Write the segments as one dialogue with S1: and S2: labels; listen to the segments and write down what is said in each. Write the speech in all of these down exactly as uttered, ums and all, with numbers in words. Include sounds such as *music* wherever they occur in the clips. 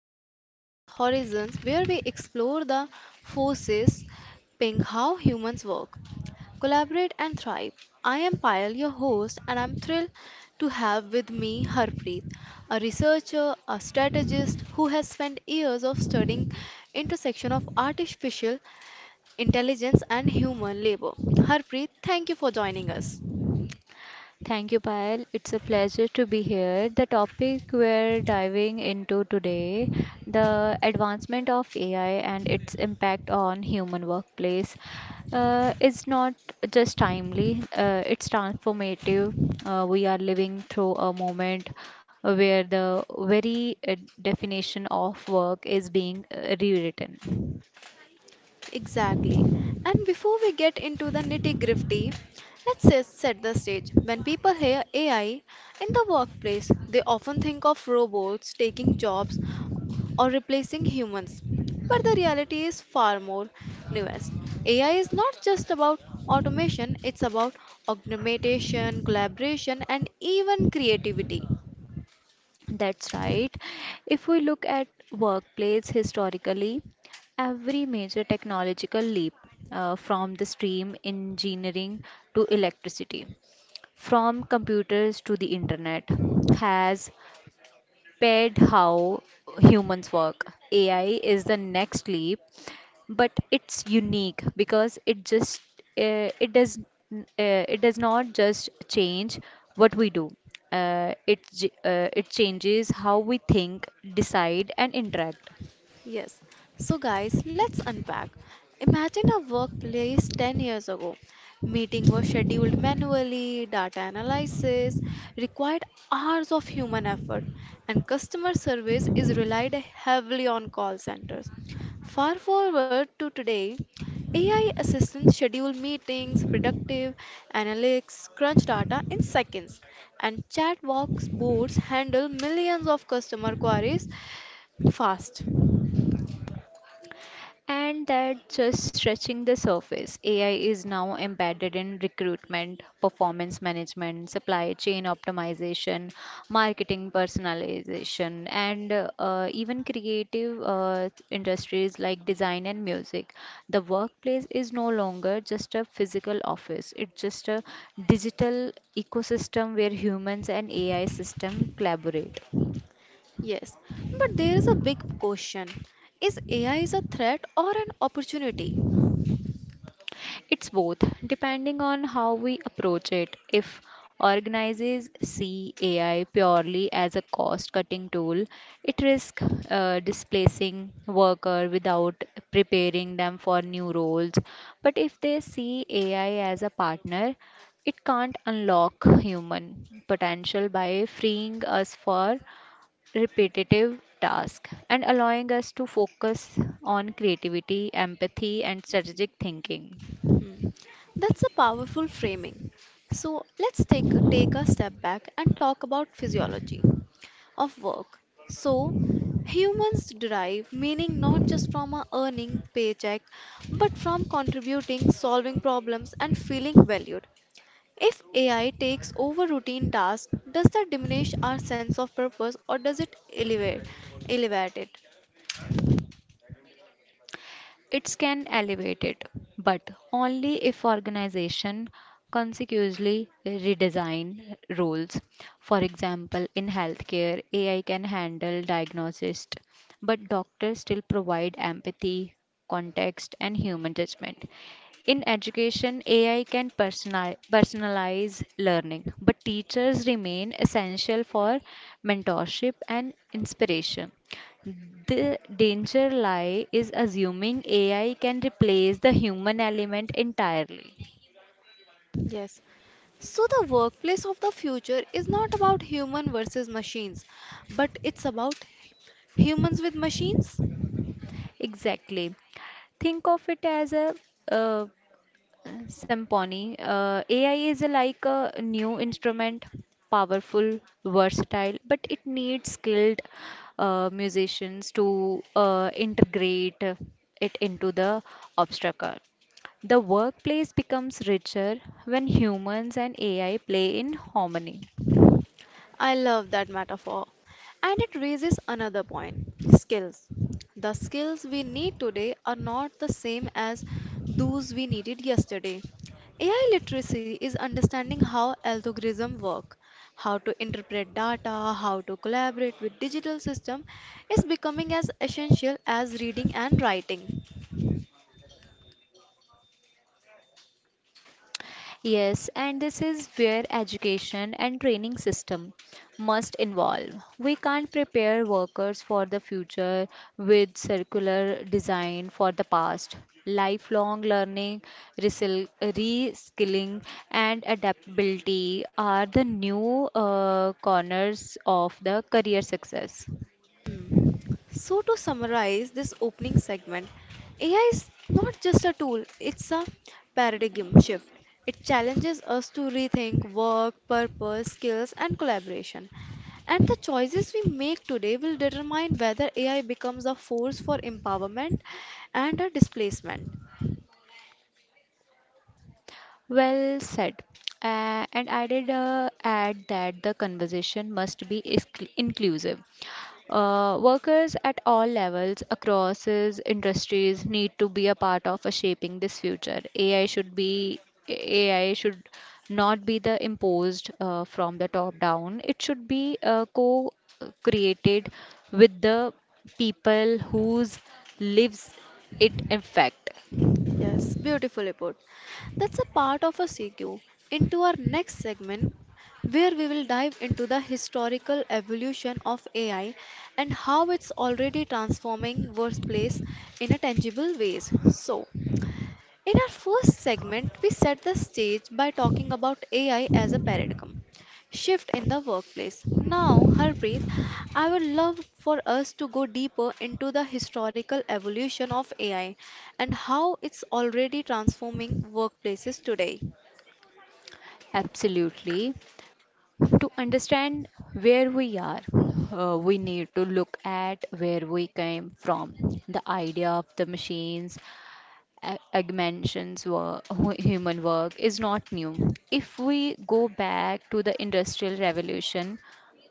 S1: of Workplace Horizons where we explore the forces ping how humans work, collaborate and thrive. I am Payal, your host, and I'm thrilled to have with me Harpreet, a researcher, a strategist who has spent years of studying intersection of artificial intelligence and human labor. Harpreet, thank you for joining us.
S2: Thank you, Payal. It's a pleasure to be here. The topic we're diving into today, the advancement of A I and its impact on human workplace, uh, is not just timely, uh, it's transformative. Uh, we are living through a moment where the very uh, definition of work is being uh, rewritten.
S1: Exactly. And before we get into the nitty gritty, let's just set the stage. When people hear A I in the workplace, they often think of robots taking jobs or replacing humans. But the reality is far more nuanced. A I is not just about automation, it's about augmentation, collaboration, and even creativity.
S2: That's right. If we look at workplace historically, every major technological leap uh, from the steam engineering to electricity, from computers to the internet, has paired how humans work. A I is the next leap, but it's unique because it just uh, it does n- uh, it does not just change what we do, uh, it j- uh, it changes how we think, decide, and interact.
S1: Yes. So, guys, let's unpack. Imagine a workplace ten years ago. Meeting was scheduled manually, data analysis required hours of human effort, and customer service is relied heavily on call centers. Far forward to today, A I assistants schedule meetings, productive analytics, crunch data in seconds, and chatbox boards handle millions of customer queries fast.
S2: And that just stretching the surface, A I is now embedded in recruitment, performance management, supply chain optimization, marketing personalization, and uh, even creative uh, industries like design and music. The workplace is no longer just a physical office, it's just a digital ecosystem where humans and A I system collaborate.
S1: Yes, but there is a big question. Is A I is a threat or an opportunity?
S2: It's both, depending on how we approach it. If organizers see A I purely as a cost cutting tool, it risks uh, displacing workers without preparing them for new roles. But if they see A I as a partner, it can't unlock human potential by freeing us for repetitive tasks and allowing us to focus on creativity, empathy, and strategic thinking.
S1: Hmm. That's a powerful framing. So let's take take a step back and talk about physiology of work. So humans derive meaning not just from a earning paycheck but from contributing, solving problems and feeling valued. If A I takes over routine tasks, does that diminish our sense of purpose or does it elevate elevate it?
S2: It can elevate it, but only if organization consequently redesign roles. For example, in healthcare, A I can handle diagnosis, but doctors still provide empathy, context, and human judgment. In education, A I can personali- personalize learning, but teachers remain essential for mentorship and inspiration. The danger lie is assuming A I can replace the human element entirely.
S1: Yes. So the workplace of the future is not about human versus machines, but it's about humans with machines.
S2: Exactly. Think of it as a uh, symphony. Uh, A I is like a new instrument, powerful, versatile, but it needs skilled uh, musicians to uh, integrate it into the obstacle. The workplace becomes richer when humans and A I play in harmony.
S1: I love that metaphor. And it raises another point skills. The skills we need today are not the same as those we needed yesterday. A I literacy is understanding how algorithms work, how to interpret data, how to collaborate with digital systems is becoming as essential as reading and writing.
S2: Yes, and this is where education and training system must involve. We can't prepare workers for the future with circular design for the past. Lifelong learning, resil- reskilling, and adaptability are the new uh, corners of the career success.
S1: Hmm. So, to summarize this opening segment, A I is not just a tool, it's a paradigm shift. It challenges us to rethink work, purpose, skills, and collaboration. And the choices we make today will determine whether A I becomes a force for empowerment and a displacement.
S2: Well said. Uh, and I did uh, add that the conversation must be iscl- inclusive. Uh, workers at all levels across these industries need to be a part of uh, shaping this future. AI should be A I should not be the imposed uh, from the top down. It should be uh, co-created with the people whose lives it affect.
S1: Yes, beautifully put. That's a part of a C Q. Into our next segment, where we will dive into the historical evolution of A I and how it's already transforming workplace in a tangible ways. So, in our first segment, we set the stage by talking about A I as a paradigm shift in the workplace. Now, Harpreet, I would love for us to go deeper into the historical evolution of A I and how it's already transforming workplaces today.
S2: Absolutely. To understand where we are, uh, we need to look at where we came from. The idea of the machines a- augmentations were *laughs* human work is not new. If we go back to the Industrial Revolution,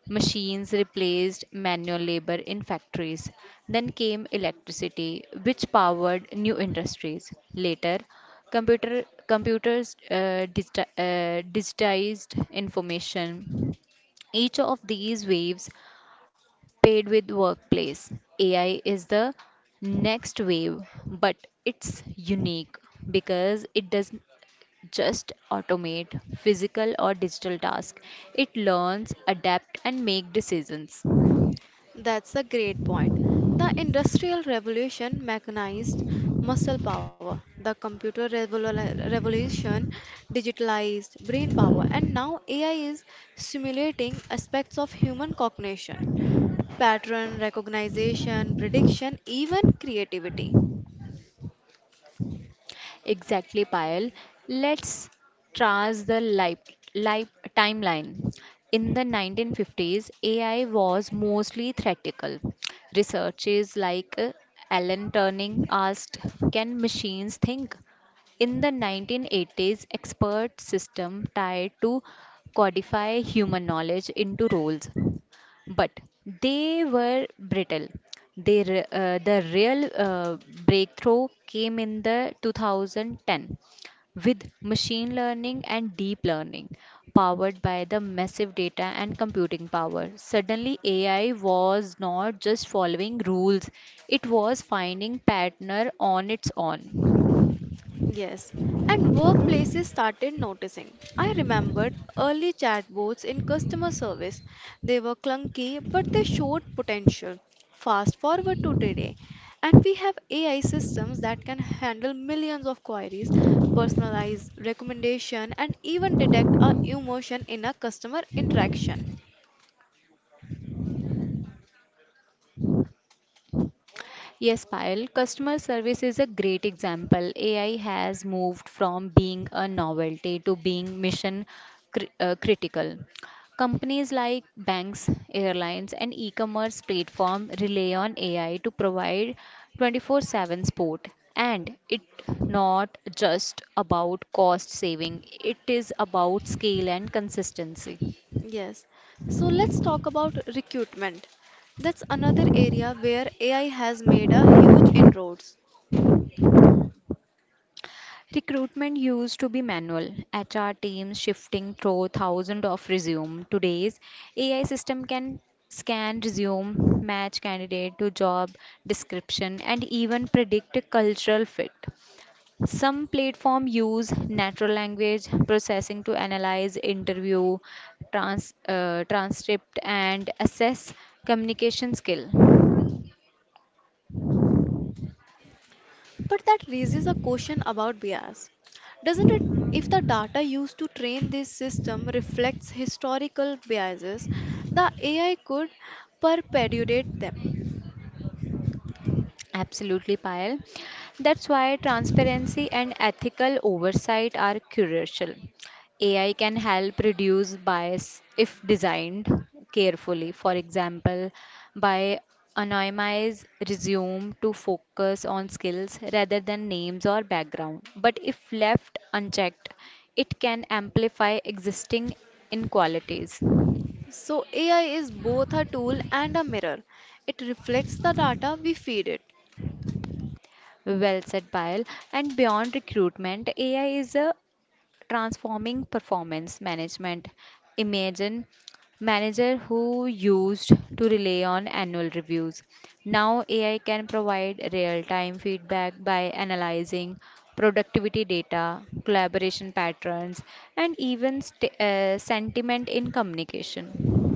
S2: machines replaced manual labor in factories. Then came electricity, which powered new industries. Later, computer computers uh, digiti- uh, digitized information. Each of these waves paid with workplace. A I is the next wave, but it's unique because it doesn't just automate physical or digital tasks. It learns, adapt, and make decisions.
S1: That's a great point. The Industrial Revolution mechanized muscle power, the computer revol- revolution digitalized brain power, and now A I is simulating aspects of human cognition, pattern recognition, prediction, even creativity.
S2: Exactly, Payal. Let's trace the life, life timeline. In the nineteen fifties, A I was mostly theoretical. Researchers like uh, Alan Turing asked, "Can machines think?" In the nineteen eighties, expert system tried to codify human knowledge into roles, but they were brittle. They, re- uh, the real uh, breakthrough came in the two thousand ten with machine learning and deep learning powered by the massive data and computing power. Suddenly, A I was not just following rules, it was finding pattern on its own.
S1: Yes, and workplaces started noticing. I remembered early chatbots in customer service. They were clunky, but they showed potential. Fast forward to today, and we have A I systems that can handle millions of queries, personalize recommendation, and even detect our emotion in a customer interaction.
S2: Yes, Payal, customer service is a great example. A I has moved from being a novelty to being mission cri- uh, critical. Companies like banks, airlines, and e commerce platform rely on A I to provide twenty-four seven support. And it not just about cost saving, it is about scale and consistency.
S1: Yes, so let's talk about recruitment. That's another area where A I has made a huge inroads.
S2: Recruitment used to be manual, H R teams shifting through thousands of resumes. Today's A I system can scan resume, match candidate to job description, and even predict cultural fit. Some platforms use natural language processing to analyze interview trans, uh, transcript and assess communication skill.
S1: But that raises a question about bias, doesn't it? If the data used to train this system reflects historical biases, the A I could perpetuate them.
S2: Absolutely, Payal. That's why transparency and ethical oversight are crucial. A I can help reduce bias if designed carefully. For example, by anonymize resume to focus on skills rather than names or background. But if left unchecked, it can amplify existing inequalities.
S1: So, A I is both a tool and a mirror. It reflects the data we feed it.
S2: Well said, Payal. And beyond recruitment, A I is a transforming performance management. Imagine manager who used to rely on annual reviews. Now A I can provide real-time feedback by analyzing productivity data, collaboration patterns, and even st- uh, sentiment in communication.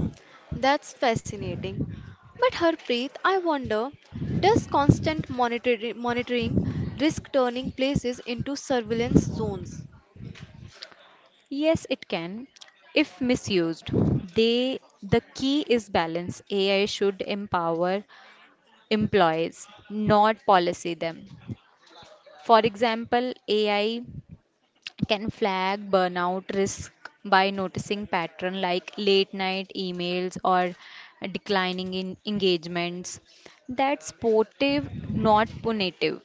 S1: That's fascinating. But Harpreet, I wonder, does constant monitor- monitoring risk turning places into surveillance zones?
S2: Yes, it can. If misused, they the key is balance. A I should empower employees, not policy them. For example, A I can flag burnout risk by noticing pattern like late night emails or declining in engagements. That's supportive, not punitive.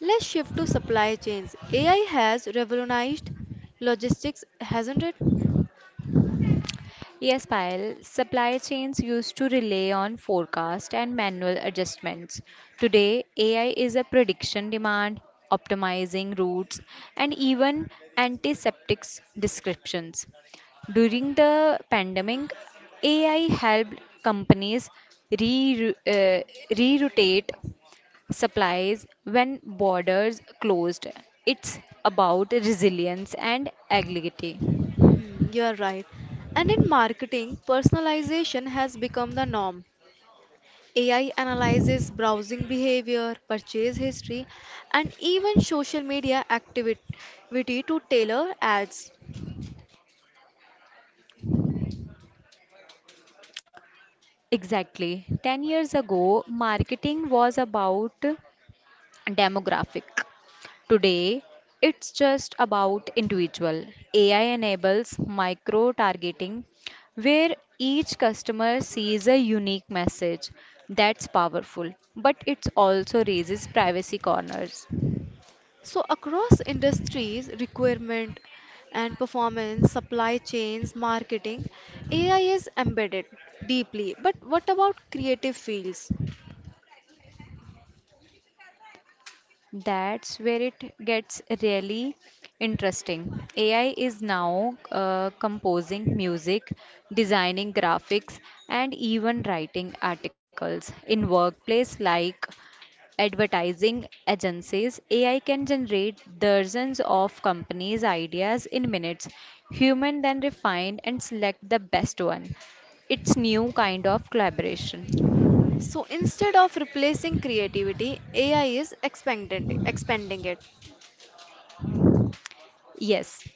S1: Let's shift to supply chains. A I has revolutionized logistics, hasn't it?
S2: Yes, Payal, supply chains used to rely on forecast and manual adjustments. Today, A I is a prediction demand, optimizing routes, and even antiseptics descriptions. During the pandemic, A I helped companies re- uh, reroute supplies when borders closed. It's about resilience and agility.
S1: Hmm, you are right. And in marketing, personalization has become the norm. A I analyzes browsing behavior, purchase history, and even social media activity to tailor ads.
S2: Exactly. ten years ago, marketing was about demographic. Today, it's just about individual. A I enables micro targeting where each customer sees a unique message. That's powerful, but it also raises privacy corners.
S1: So, across industries, requirement and performance, supply chains, marketing, A I is embedded deeply. But what about creative fields?
S2: That's where it gets really interesting. A I is now uh, composing music, designing graphics, and even writing articles. In workplace like advertising agencies, A I can generate dozens of companies' ideas in minutes. Human then refine and select the best one. It's new kind of collaboration.
S1: So instead of replacing creativity, A I is expanding, expanding it.
S2: Yes,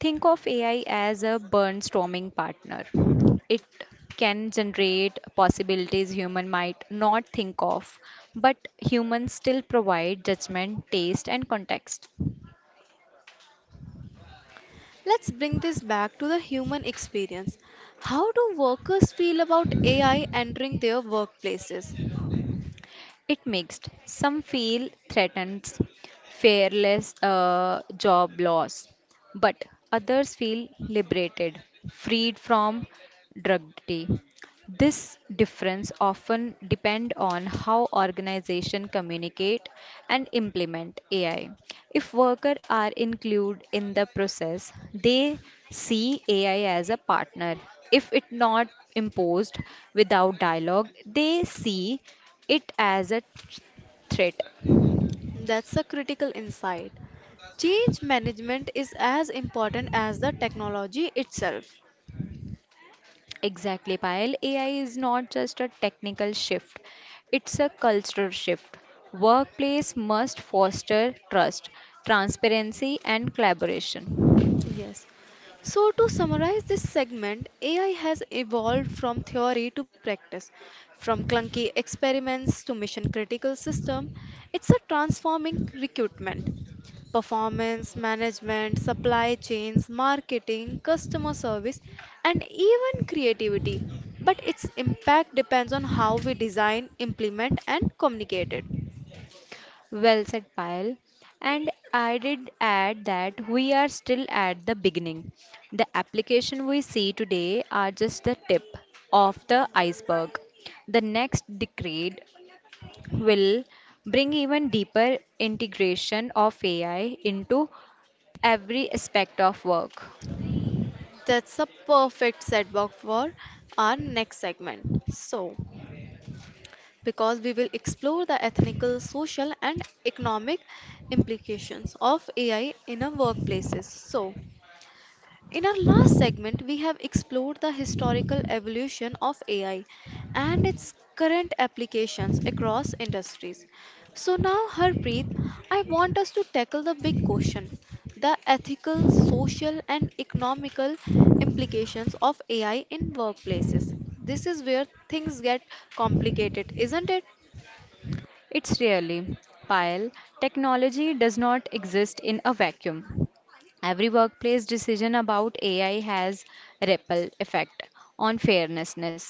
S2: think of A I as a brainstorming partner. It can generate possibilities human might not think of, but humans still provide judgment, taste, and context.
S1: Let's bring this back to the human experience. How do workers feel about A I entering their workplaces?
S2: It mixed. Some feel threatened, fearless uh, job loss, but others feel liberated, freed from drudgery. This difference often depend on how organization communicate and implement A I. If workers are included in the process, they see A I as a partner. If it not imposed without dialogue, they see it as a threat.
S1: That's a critical insight. Change management is as important as the technology itself.
S2: Exactly, Payal. A I is not just a technical shift, it's a cultural shift. Workplace must foster trust, transparency, and collaboration.
S1: Yes. So, to summarize this segment, A I has evolved from theory to practice, from clunky experiments to mission critical system. It's a transforming recruitment, performance management, supply chains, marketing, customer service, and even creativity. But its impact depends on how we design, implement, and communicate it.
S2: Well said, Payal. And I did add that we are still at the beginning. The application we see today are just the tip of the iceberg. The next decade will bring even deeper integration of A I into every aspect of work.
S1: That's a perfect setback for our next segment. So, because we will explore the ethical, social, and economic implications of A I in our workplaces. So, in our last segment, we have explored the historical evolution of A I and its current applications across industries. So, now, Harpreet, I want us to tackle the big question the ethical, social, and economical implications of A I in workplaces. This is where things get complicated, isn't it?
S2: It's really, Payal, technology does not exist in a vacuum. Every workplace decision about A I has ripple effect on fairness,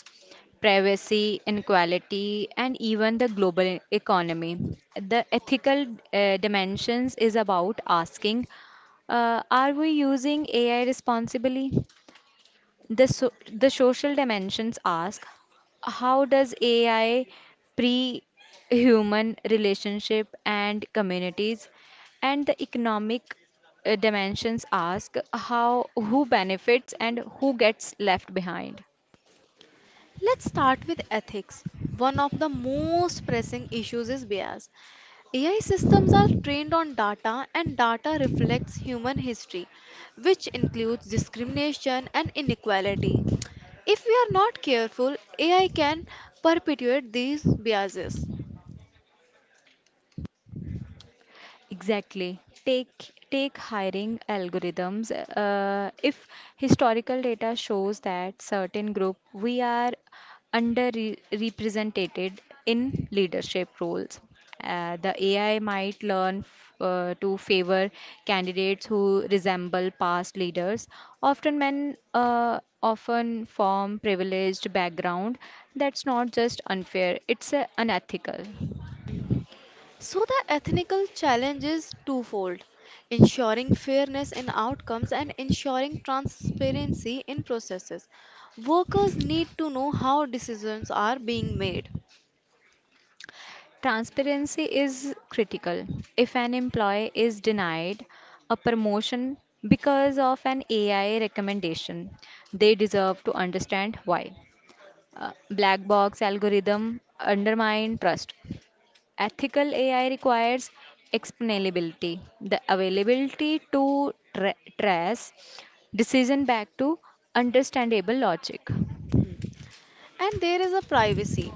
S2: privacy, inequality, and even the global economy. The ethical uh, dimensions is about asking, uh, are we using A I responsibly? The, so, the social dimensions ask how does A I pre human relationship and communities? And the economic uh, dimensions ask how who benefits and who gets left behind.
S1: Let's start with ethics. One of the most pressing issues is bias. A I systems are trained on data, and data reflects human history, which includes discrimination and inequality. If we are not careful, A I can perpetuate these biases.
S2: Exactly. Take take hiring algorithms. Uh, if historical data shows that certain group we are underrepresented in leadership roles, uh, the A I might learn f- uh, to favor candidates who resemble past leaders. Often men uh, often from privileged background. That's not just unfair. It's uh, unethical.
S1: So the ethical challenge is twofold ensuring fairness in outcomes and ensuring transparency in processes. Workers need to know how decisions are being made.
S2: Transparency is critical. If an employee is denied a promotion because of an A I recommendation, they deserve to understand why. Uh, black box algorithm undermine trust. Ethical A I requires explainability, the availability to tra- trace decision back to understandable logic.
S1: And there is a privacy.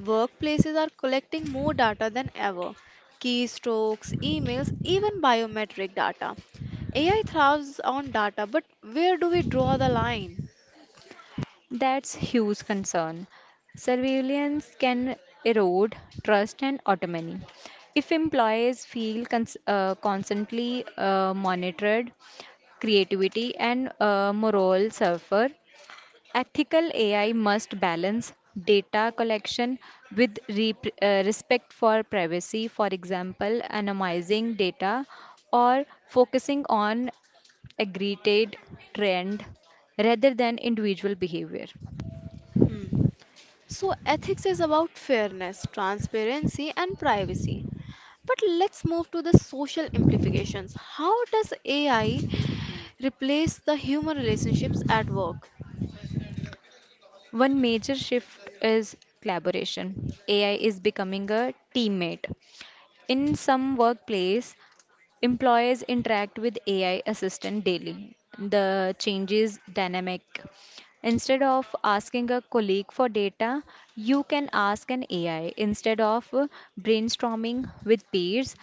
S1: Workplaces are collecting more data than ever keystrokes, emails, even biometric data. A I thrives on data, but where do we draw the line?
S2: That's huge concern. Surveillance can erode trust and autonomy. If employees feel cons- uh, constantly uh, monitored, creativity and uh, morale suffer. Ethical A I must balance data collection with rep- uh, respect for privacy, for example, anonymizing data or focusing on aggregated trend rather than individual behavior.
S1: Hmm. So, ethics is about fairness, transparency, and privacy. But let's move to the social implications. How does A I replace the human relationships at work?
S2: One major shift is collaboration. A I is becoming a teammate. In some workplace, employees interact with A I assistant daily. The change is dynamic. Instead of asking a colleague for data, you can ask an A I. Instead of brainstorming with peers,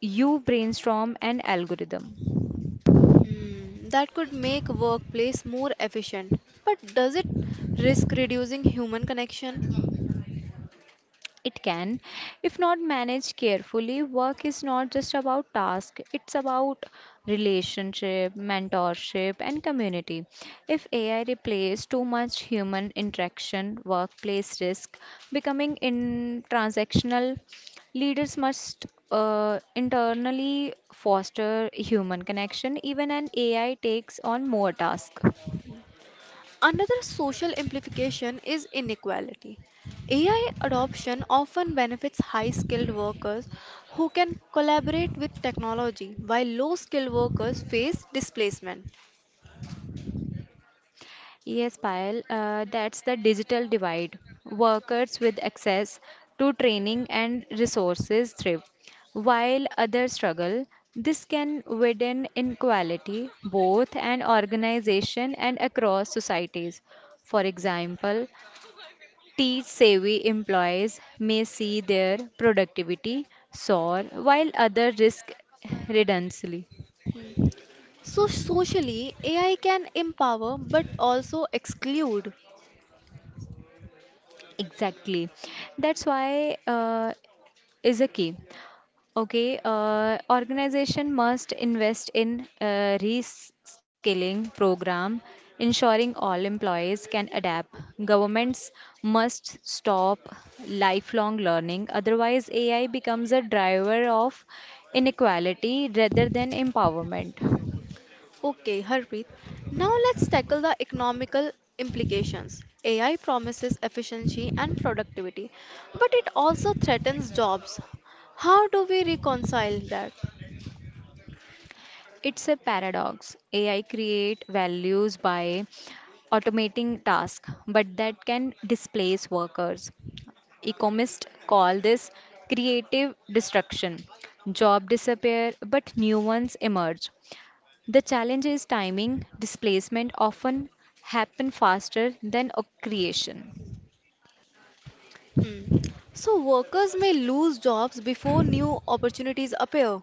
S2: you brainstorm an algorithm.
S1: Hmm, that could make workplace more efficient, but does it risk reducing human connection?
S2: It can, if not managed carefully, work is not just about task, it's about relationship, mentorship, and community. If A I replaces too much human interaction, workplace risk becoming intransactional, leaders must uh, internally foster human connection, even an A I takes on more tasks.
S1: Another social implication is inequality. A I adoption often benefits high skilled workers who can collaborate with technology, while low skilled workers face displacement.
S2: Yes, Payal, uh, that's the digital divide. Workers with access to training and resources thrive, while others struggle. This can widen inequality both an organization and across societies. For example, tech savvy employees may see their productivity soar while others risk redundancy.
S1: So socially, A I can empower but also exclude.
S2: Exactly. That's why uh, is a key. Okay, uh, organization must invest in uh, reskilling program, ensuring all employees can adapt. Governments must stop lifelong learning, otherwise A I becomes a driver of inequality rather than empowerment.
S1: Okay, Harpreet. Now let's tackle the economical implications. A I promises efficiency and productivity, but it also threatens jobs. How do we reconcile that?
S2: It's a paradox. A I create values by automating tasks, but that can displace workers. Economists call this creative destruction. Jobs disappear, but new ones emerge. The challenge is timing. Displacement often happen faster than a creation.
S1: Hmm. So workers may lose jobs before new opportunities appear.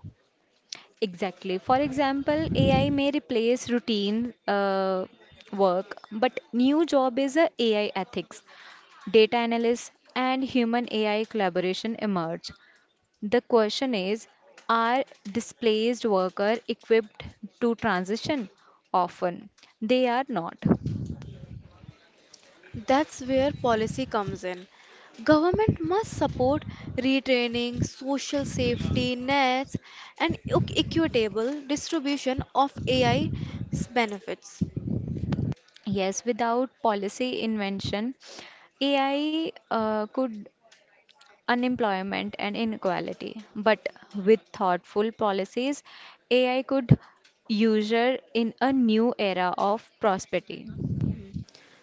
S2: Exactly. For example, A I may replace routine uh, work, but new job is a AI ethics. Data analysts and human A I collaboration emerge. The question is: are displaced workers equipped to transition? Often they are not.
S1: That's where policy comes in. Government must support retraining, social safety nets, and equ- equitable distribution of A I's benefits.
S2: Yes, without policy invention, A I uh, could unemployment and inequality. But with thoughtful policies, A I could usher in a new era of prosperity.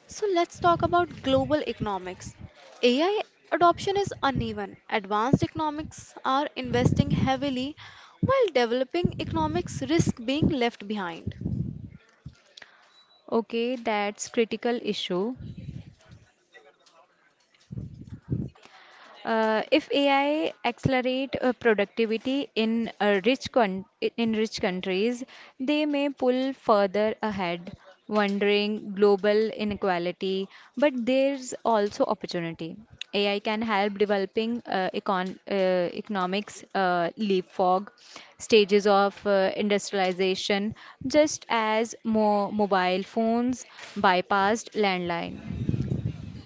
S1: So let's talk about global economics. A I adoption is uneven. Advanced economics are investing heavily, while developing economics risk being left behind.
S2: Okay, that's critical issue. Uh, if A I accelerate uh, productivity in uh, rich con- in rich countries, they may pull further ahead, wondering global inequality. But there's also opportunity. A I can help developing uh, econ- uh, economics uh, leapfrog stages of uh, industrialization, just as more mobile phones bypassed landline.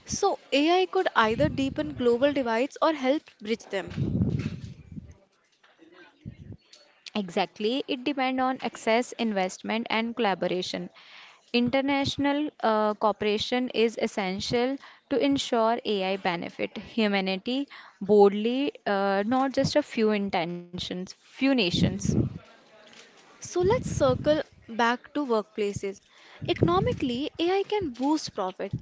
S1: So A I could either deepen global divides or help bridge them.
S2: Exactly, it depends on access, investment, and collaboration. International uh, cooperation is essential to ensure A I benefit humanity boldly, uh, not just a few intentions, few nations.
S1: So let's circle back to workplaces. Economically, A I can boost profit.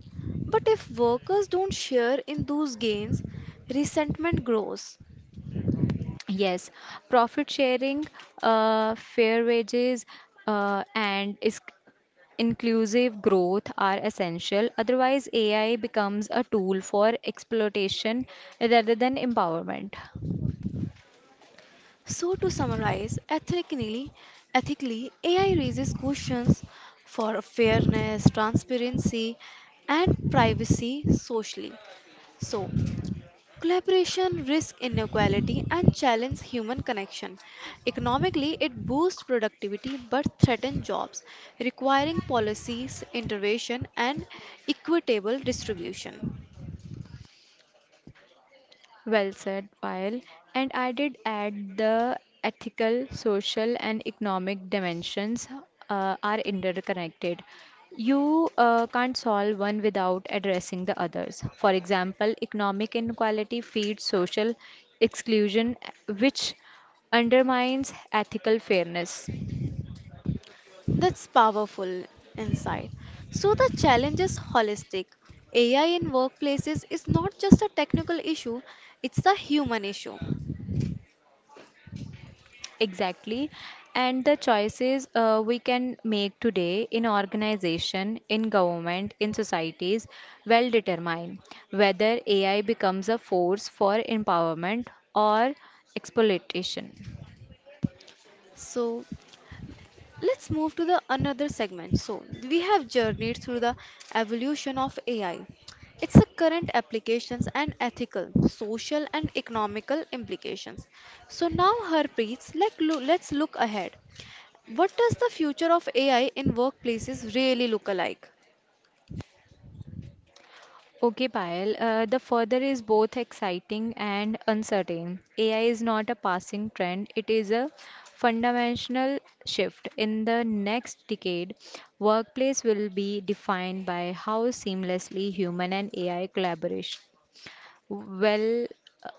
S1: But if workers don't share in those gains, resentment grows.
S2: Yes, profit sharing, uh, fair wages, uh, and is inclusive growth are essential. Otherwise, A I becomes a tool for exploitation rather than empowerment.
S1: So to summarize, ethically, ethically A I raises questions for fairness, transparency, and privacy socially. So collaboration risks inequality and challenges human connection. Economically, it boosts productivity but threatens jobs, requiring policies, intervention, and equitable distribution.
S2: Well said, Payal. And I did add the ethical, social, and economic dimensions uh, are interconnected. You uh, can't solve one without addressing the others. For example, economic inequality feeds social exclusion, which undermines ethical fairness.
S1: That's powerful insight. So the challenge is holistic. A I in workplaces is not just a technical issue, it's a human issue.
S2: Exactly. And the choices uh, we can make today in organization, in government, in societies well determine whether A I becomes a force for empowerment or exploitation.
S1: So let's move to the another segment so we have journeyed through the evolution of ai its a current applications and ethical social and economical implications so now harpreet let, loo- let's look ahead what does the future of A I in workplaces really look like.
S2: Okay, Payal, uh, the further is both exciting and uncertain. A I is not a passing trend, it is a fundamental shift. In the next decade, workplace will be defined by how seamlessly human and A I collaboration. Well,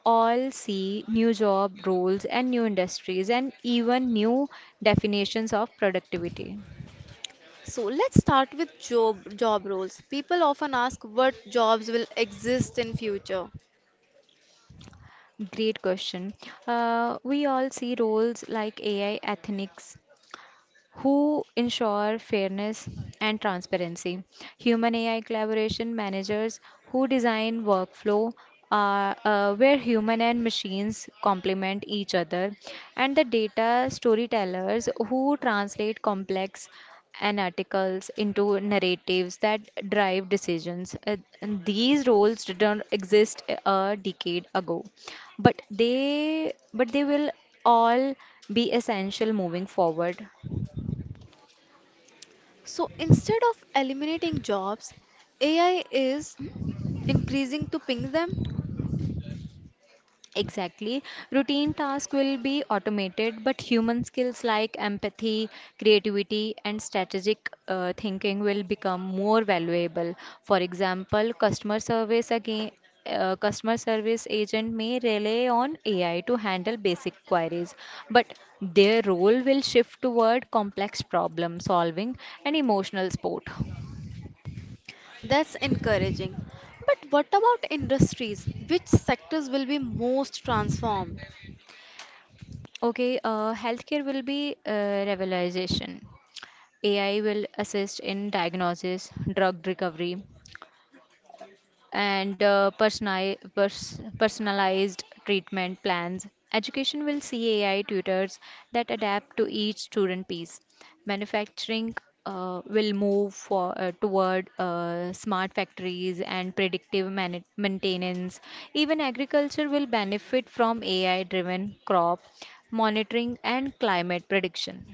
S2: all see new job roles and new industries and even new definitions of productivity.
S1: So let's start with job job roles. People often ask what jobs will exist in future.
S2: Great question. Uh, we all see roles like A I ethics who ensure fairness and transparency. Human A I collaboration managers who design workflow uh, uh, where human and machines complement each other, and the data storytellers who translate complex and articles into narratives that drive decisions. Uh, and these roles didn't exist a decade ago, but they but they will all be essential moving forward.
S1: So instead of eliminating jobs, A I is increasing to ping them?
S2: Exactly. Routine tasks will be automated, but human skills like empathy, creativity, and strategic uh, thinking will become more valuable. For example, customer service again. Uh, customer service agent may rely on A I to handle basic queries, but their role will shift toward complex problem solving and emotional support.
S1: That's encouraging. But what about industries? Which sectors will be most transformed?
S2: Okay, uh, healthcare will be uh, revelation. A I will assist in diagnosis, drug recovery, and uh, personali- pers- personalized treatment plans. Education will see A I tutors that adapt to each student piece. Manufacturing uh, will move for, uh, toward uh, smart factories and predictive mani- maintenance. Even agriculture will benefit from A I driven crop monitoring and climate prediction.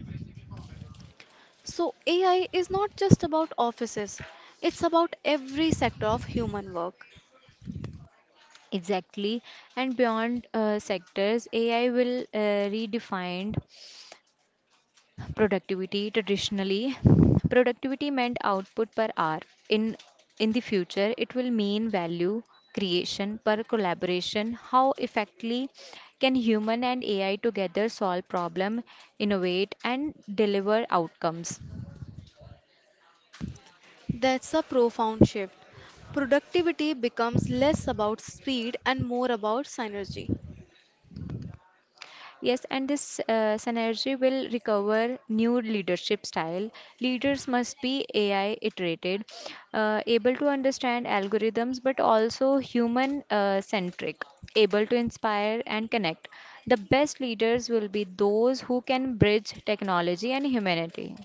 S1: So, A I is not just about offices, it's about every sector of human work.
S2: Exactly, and beyond uh, sectors, A I will uh, redefine productivity. Traditionally productivity meant output per hour. in in the future it will mean value creation per collaboration. How effectively can human and ai together solve problem, innovate and deliver outcomes.
S1: That's a profound shift. Productivity becomes less about speed and more about synergy.
S2: Yes, and this uh, synergy will recover new leadership style. Leaders must be A I iterated, uh, able to understand algorithms, but also human uh, centric, able to inspire and connect. The best leaders will be those who can bridge technology and humanity.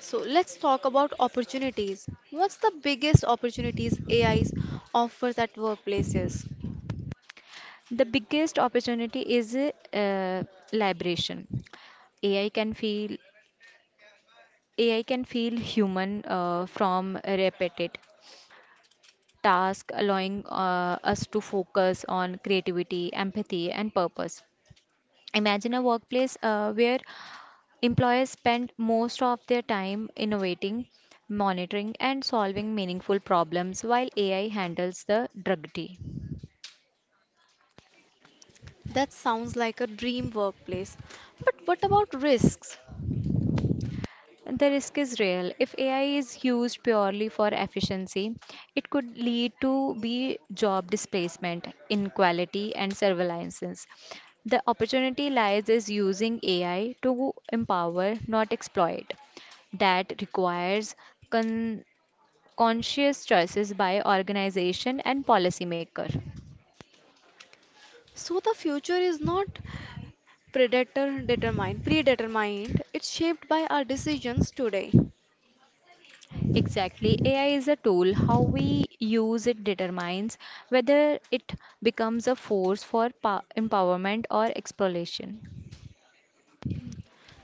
S1: So, let's talk about opportunities. What's the biggest opportunities A I offers at workplaces?
S2: The biggest opportunity is uh, liberation. A I can feel A I can feel human uh, from repetitive task, allowing uh, us to focus on creativity, empathy, and purpose. Imagine a workplace uh, where employees spend most of their time innovating, monitoring, and solving meaningful problems while A I handles the drudgery.
S1: That sounds like a dream workplace. But what about risks?
S2: The risk is real. If A I is used purely for efficiency, it could lead to be job displacement, inequality, and surveillance. The opportunity lies is using A I to empower, not exploit. That requires con- conscious choices by organization and policymaker.
S1: So the future is not predator determined, predetermined. It's shaped by our decisions today.
S2: Exactly. A I is a tool. How we use it determines whether it becomes a force for pa- empowerment or exploration.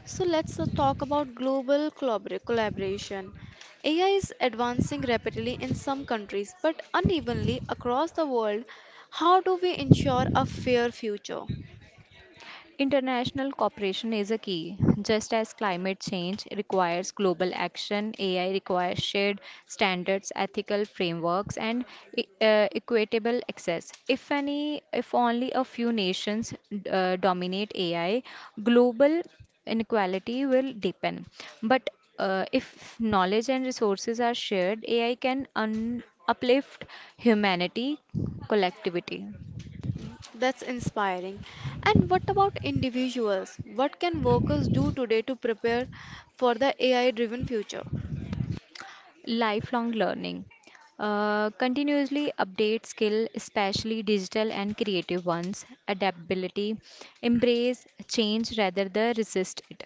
S1: So let's uh, talk about global collabor- collaboration. A I is advancing rapidly in some countries, but unevenly across the world. How do we ensure a fair future?
S2: International cooperation is a key. Just as climate change requires global action, A I requires shared standards, ethical frameworks, and e- uh, equitable access. If any, if only a few nations uh, dominate A I, global inequality will deepen. But uh, if knowledge and resources are shared, A I can un- uplift humanity collectivity.
S1: That's inspiring. And what about individuals? What can workers do today to prepare for the A I driven future?
S2: Lifelong learning, uh, continuously update skill, especially digital and creative ones. Adaptability, embrace change rather than resist it.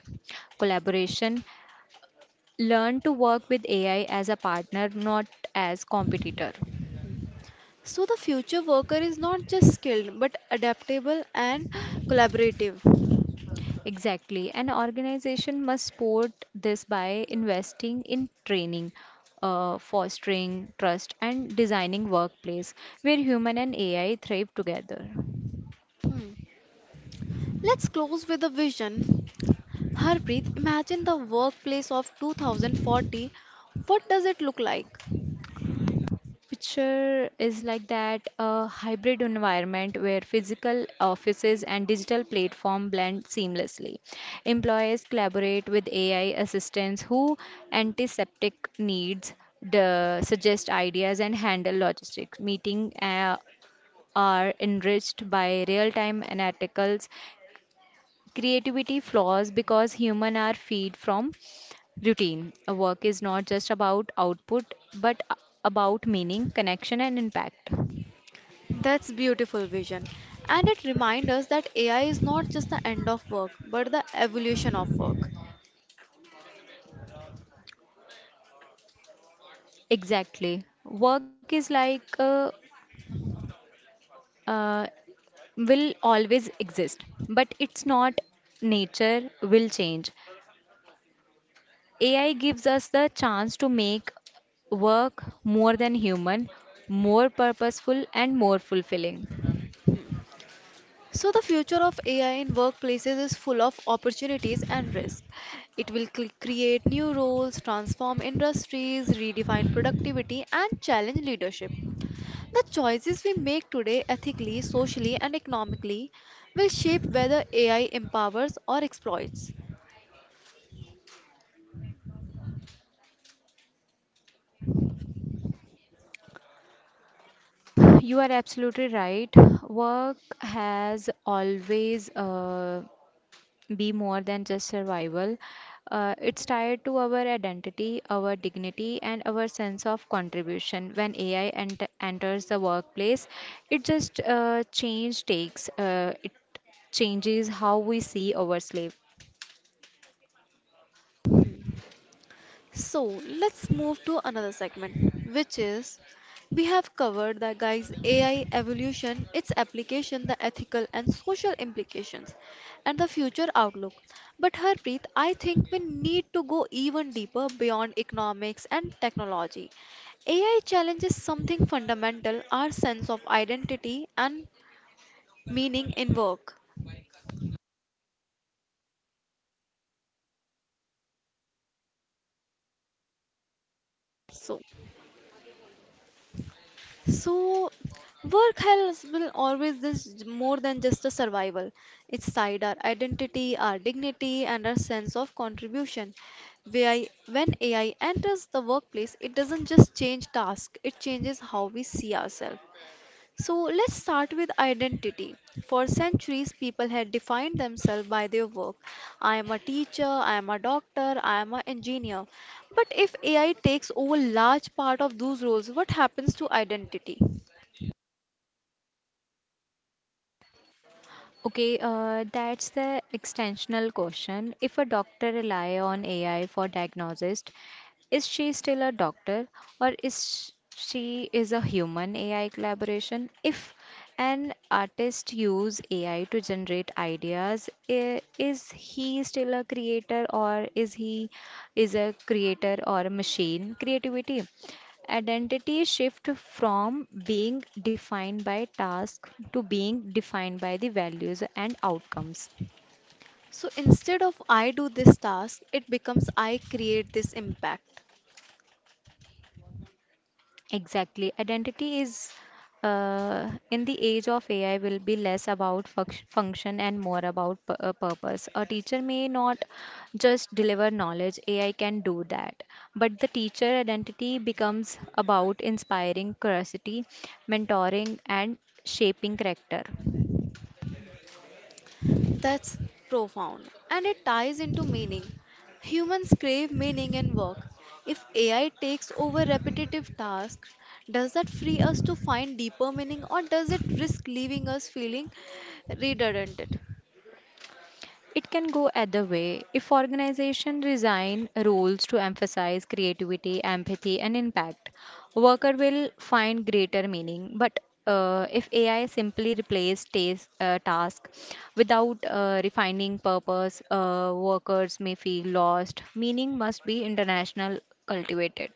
S2: Collaboration, learn to work with ai as a partner, not as competitor.
S1: So, the future worker is not just skilled but adaptable and collaborative.
S2: Exactly, an organization must support this by investing in training, uh, fostering trust and designing workplace where human and ai thrive together.
S1: Hmm. Let's close with a vision. Harpreet, imagine the workplace of two thousand forty. What does it look like?
S2: Future is like that a hybrid environment where physical offices and digital platform blend seamlessly. Employers collaborate with A I assistants who antiseptic needs, the, suggest ideas and handle logistics. Meeting uh, are enriched by real-time analyticals. Creativity flaws because human are feed from routine. A work is not just about output but a- about meaning, connection and impact.
S1: That's beautiful vision. And it reminds us that A I is not just the end of work, but the evolution of work.
S2: Exactly. Work is like uh, uh, will always exist, but it's not nature will change. A I gives us the chance to make work more than human, more purposeful and more fulfilling.
S1: So, the future of A I in workplaces is full of opportunities and risks. It will cl- create new roles, transform industries, redefine productivity, and challenge leadership. The choices we make today, ethically, socially, and economically, will shape whether A I empowers or exploits.
S2: You are absolutely right. Work has always uh, be more than just survival. Uh, it's tied to our identity, our dignity, and our sense of contribution. When A I ent- enters the workplace, it just uh, change takes. Uh, it changes how we see our slave.
S1: So let's move to another segment, which is we have covered the guys A I evolution, its application, the ethical and social implications, and the future outlook. But Harpreet, I think we need to go even deeper beyond economics and technology. A I challenges something fundamental, our sense of identity and meaning in work. So so, work has will always this more than just a survival. It's side our identity, our dignity, and our sense of contribution. A I, when A I enters the workplace, it doesn't just change tasks; it changes how we see ourselves. So let's start with identity. For centuries, people had defined themselves by their work. I am a teacher, I am a doctor, I am an engineer. But if A I takes over large part of those roles, what happens to identity?
S2: Okay, uh, that's the extensional question. If a doctor rely on A I for diagnosis, is she still a doctor or is she is a human A I collaboration? If an artist use A I to generate ideas, i- is he still a creator or is he is a creator or a machine? Creativity. Identity shift from being defined by task to being defined by the values and outcomes.
S1: So instead of I do this task, it becomes I create this impact.
S2: Exactly. Identity is uh, in the age of A I will be less about func- function and more about pu- uh, purpose. A teacher may not just deliver knowledge, A I can do that. But the teacher identity becomes about inspiring curiosity, mentoring, and shaping character.
S1: That's profound and it ties into meaning. Humans crave meaning in work. If A I takes over repetitive tasks, does that free us to find deeper meaning or does it risk leaving us feeling redundant?
S2: It can go either way. If organizations design roles to emphasize creativity, empathy, and impact, worker will find greater meaning. But uh, if A I simply replaces tas- uh, task without uh, refining purpose, uh, workers may feel lost. Meaning must be international cultivated.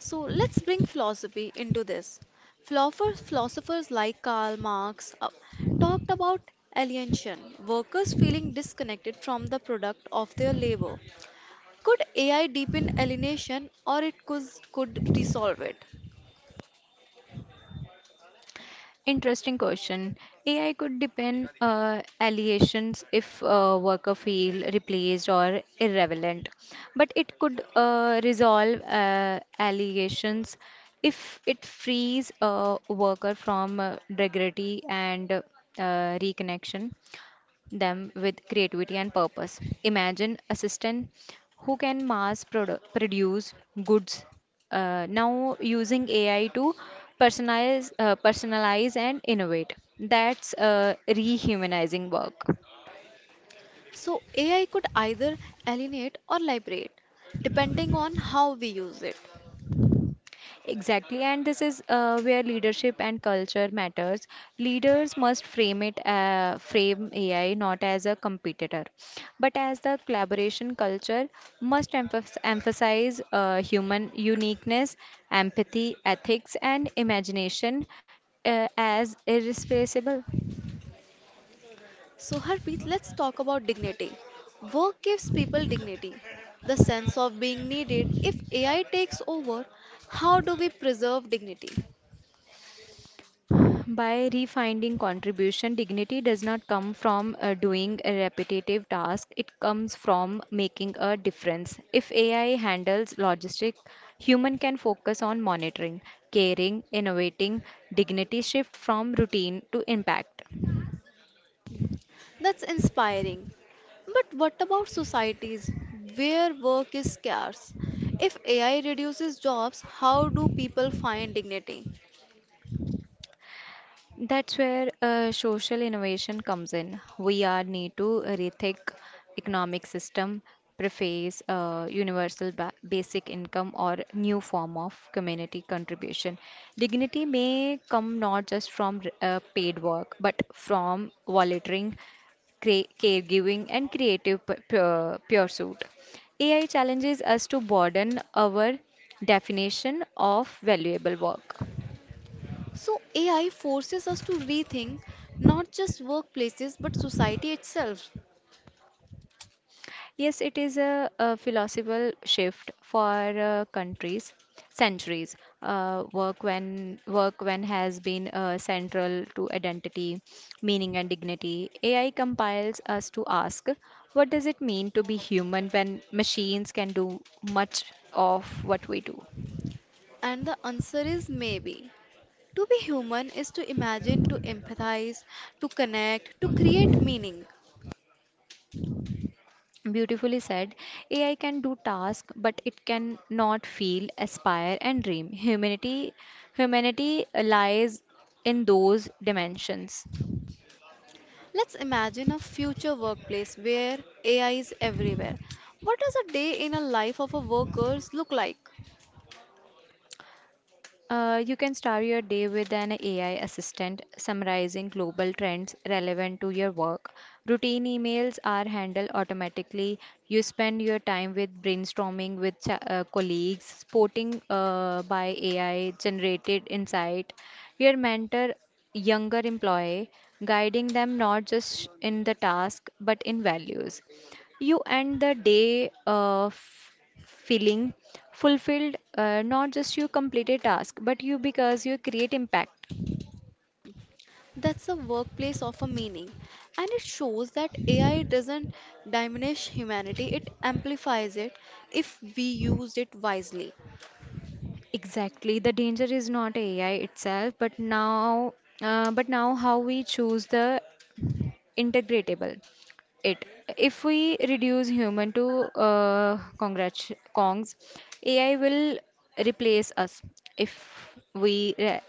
S1: So let's bring philosophy into this. Philosophers, philosophers like Karl Marx uh, talked about alienation, workers feeling disconnected from the product of their labor. Could A I deepen alienation or it could, could resolve it?
S2: Interesting question. A I could depend uh, allegations if uh, worker feel replaced or irrelevant, but it could uh, resolve uh, allegations if it frees a worker from uh, dignity and uh, reconnection them with creativity and purpose. Imagine assistant who can mass produ- produce goods uh, now using A I to personalize, uh, personalize and innovate. That's uh, rehumanizing work.
S1: So A I could either alienate or liberate, depending on how we use it.
S2: Exactly, and this is uh, where leadership and culture matters. Leaders must frame it, uh, frame A I not as a competitor, but as the collaboration culture must emphas- emphasize uh, human uniqueness, empathy, ethics, and imagination uh, as irreplaceable.
S1: So, Harpreet, let's talk about dignity. Work gives people dignity, the sense of being needed. If A I takes over, how do we preserve dignity?
S2: By refining contribution, dignity does not come from uh, doing a repetitive task. It comes from making a difference. If ai handles logistic, human can focus on monitoring, caring, innovating. Dignity shift from routine to impact.
S1: That's inspiring. But what about societies where work is scarce? If A I reduces jobs, how do people find dignity?
S2: That's where uh, social innovation comes in. We are need to rethink economic system, preface uh, universal ba- basic income or new form of community contribution. Dignity may come not just from uh, paid work, but from volunteering, cre- caregiving, and creative p- pu- pursuit. A I challenges us to broaden our definition of valuable work.
S1: So, A I forces us to rethink not just workplaces but society itself.
S2: Yes, it is a, a philosophical shift for uh, countries, centuries. Uh, work when work when has been uh, central to identity, meaning, and dignity. A I compiles us to ask, what does it mean to be human when machines can do much of what we do?
S1: And the answer is maybe. To be human is to imagine, to empathize, to connect, to create meaning.
S2: Beautifully said. A I can do tasks, but it can not feel, aspire, and dream. Humanity, humanity lies in those dimensions.
S1: Let's imagine a future workplace where A I is everywhere. What does a day in a life of a workers look like?
S2: Uh, you can start your day with an A I assistant summarizing global trends relevant to your work. Routine emails are handled automatically. You spend your time with brainstorming with cha- uh, colleagues, supporting uh, by A I generated insight. Your mentor, younger employee, guiding them not just in the task but in values. You end the day. Uh, feeling fulfilled, uh, not just you complete a task but you because you create impact.
S1: That's a workplace of a meaning. And it shows that A I doesn't diminish humanity, it amplifies it if we use it wisely.
S2: Exactly, the danger is not ai itself but now uh, but now how we choose the integratable it. If we reduce human to uh, congrats, kongs, ai will replace us. If we re-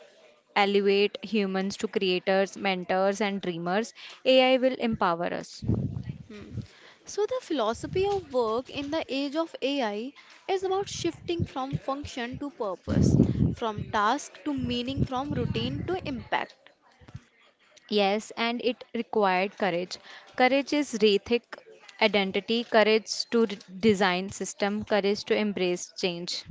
S2: elevate humans to creators, mentors and dreamers, ai will empower us.
S1: So, the philosophy of work in the age of A I is about shifting from function to purpose, from task to meaning, from routine to impact.
S2: Yes, and it required courage. Courage is rethink identity, courage to d- design system, courage to embrace change.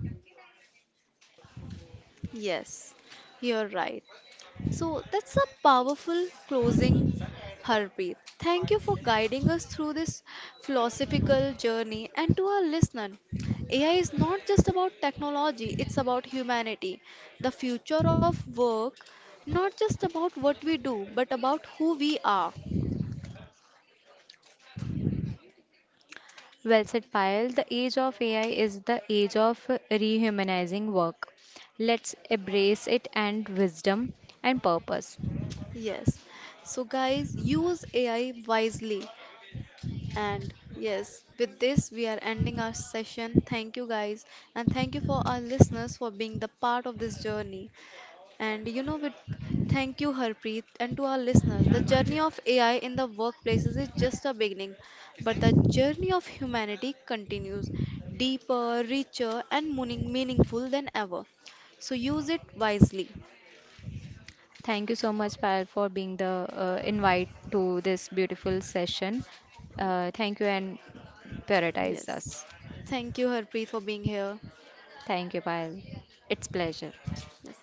S1: Yes, you're right. So that's a powerful closing, Harpreet. Thank you for guiding us through this philosophical journey. And to our listener, A I is not just about technology, it's about humanity, the future of work, not just about what we do, but about who we are.
S2: Well said, Payal. The age of A I is the age of rehumanizing work. Let's embrace it and wisdom and purpose.
S1: Yes. So, guys, use A I wisely. And yes, with this, we are ending our session. Thank you, guys, and thank you for our listeners for being the part of this journey. And you know, with thank you, Harpreet, and to our listeners, the journey of A I in the workplaces is just a beginning, but the journey of humanity continues, deeper, richer, and meaning- meaningful than ever. So use it wisely.
S2: Thank you so much, Payal, for being the uh, invite to this beautiful session. Uh, thank you and prioritize
S1: Yes.
S2: us.
S1: Thank you, Harpreet, for being here.
S2: Thank you, Payal. It's pleasure.
S1: Yes.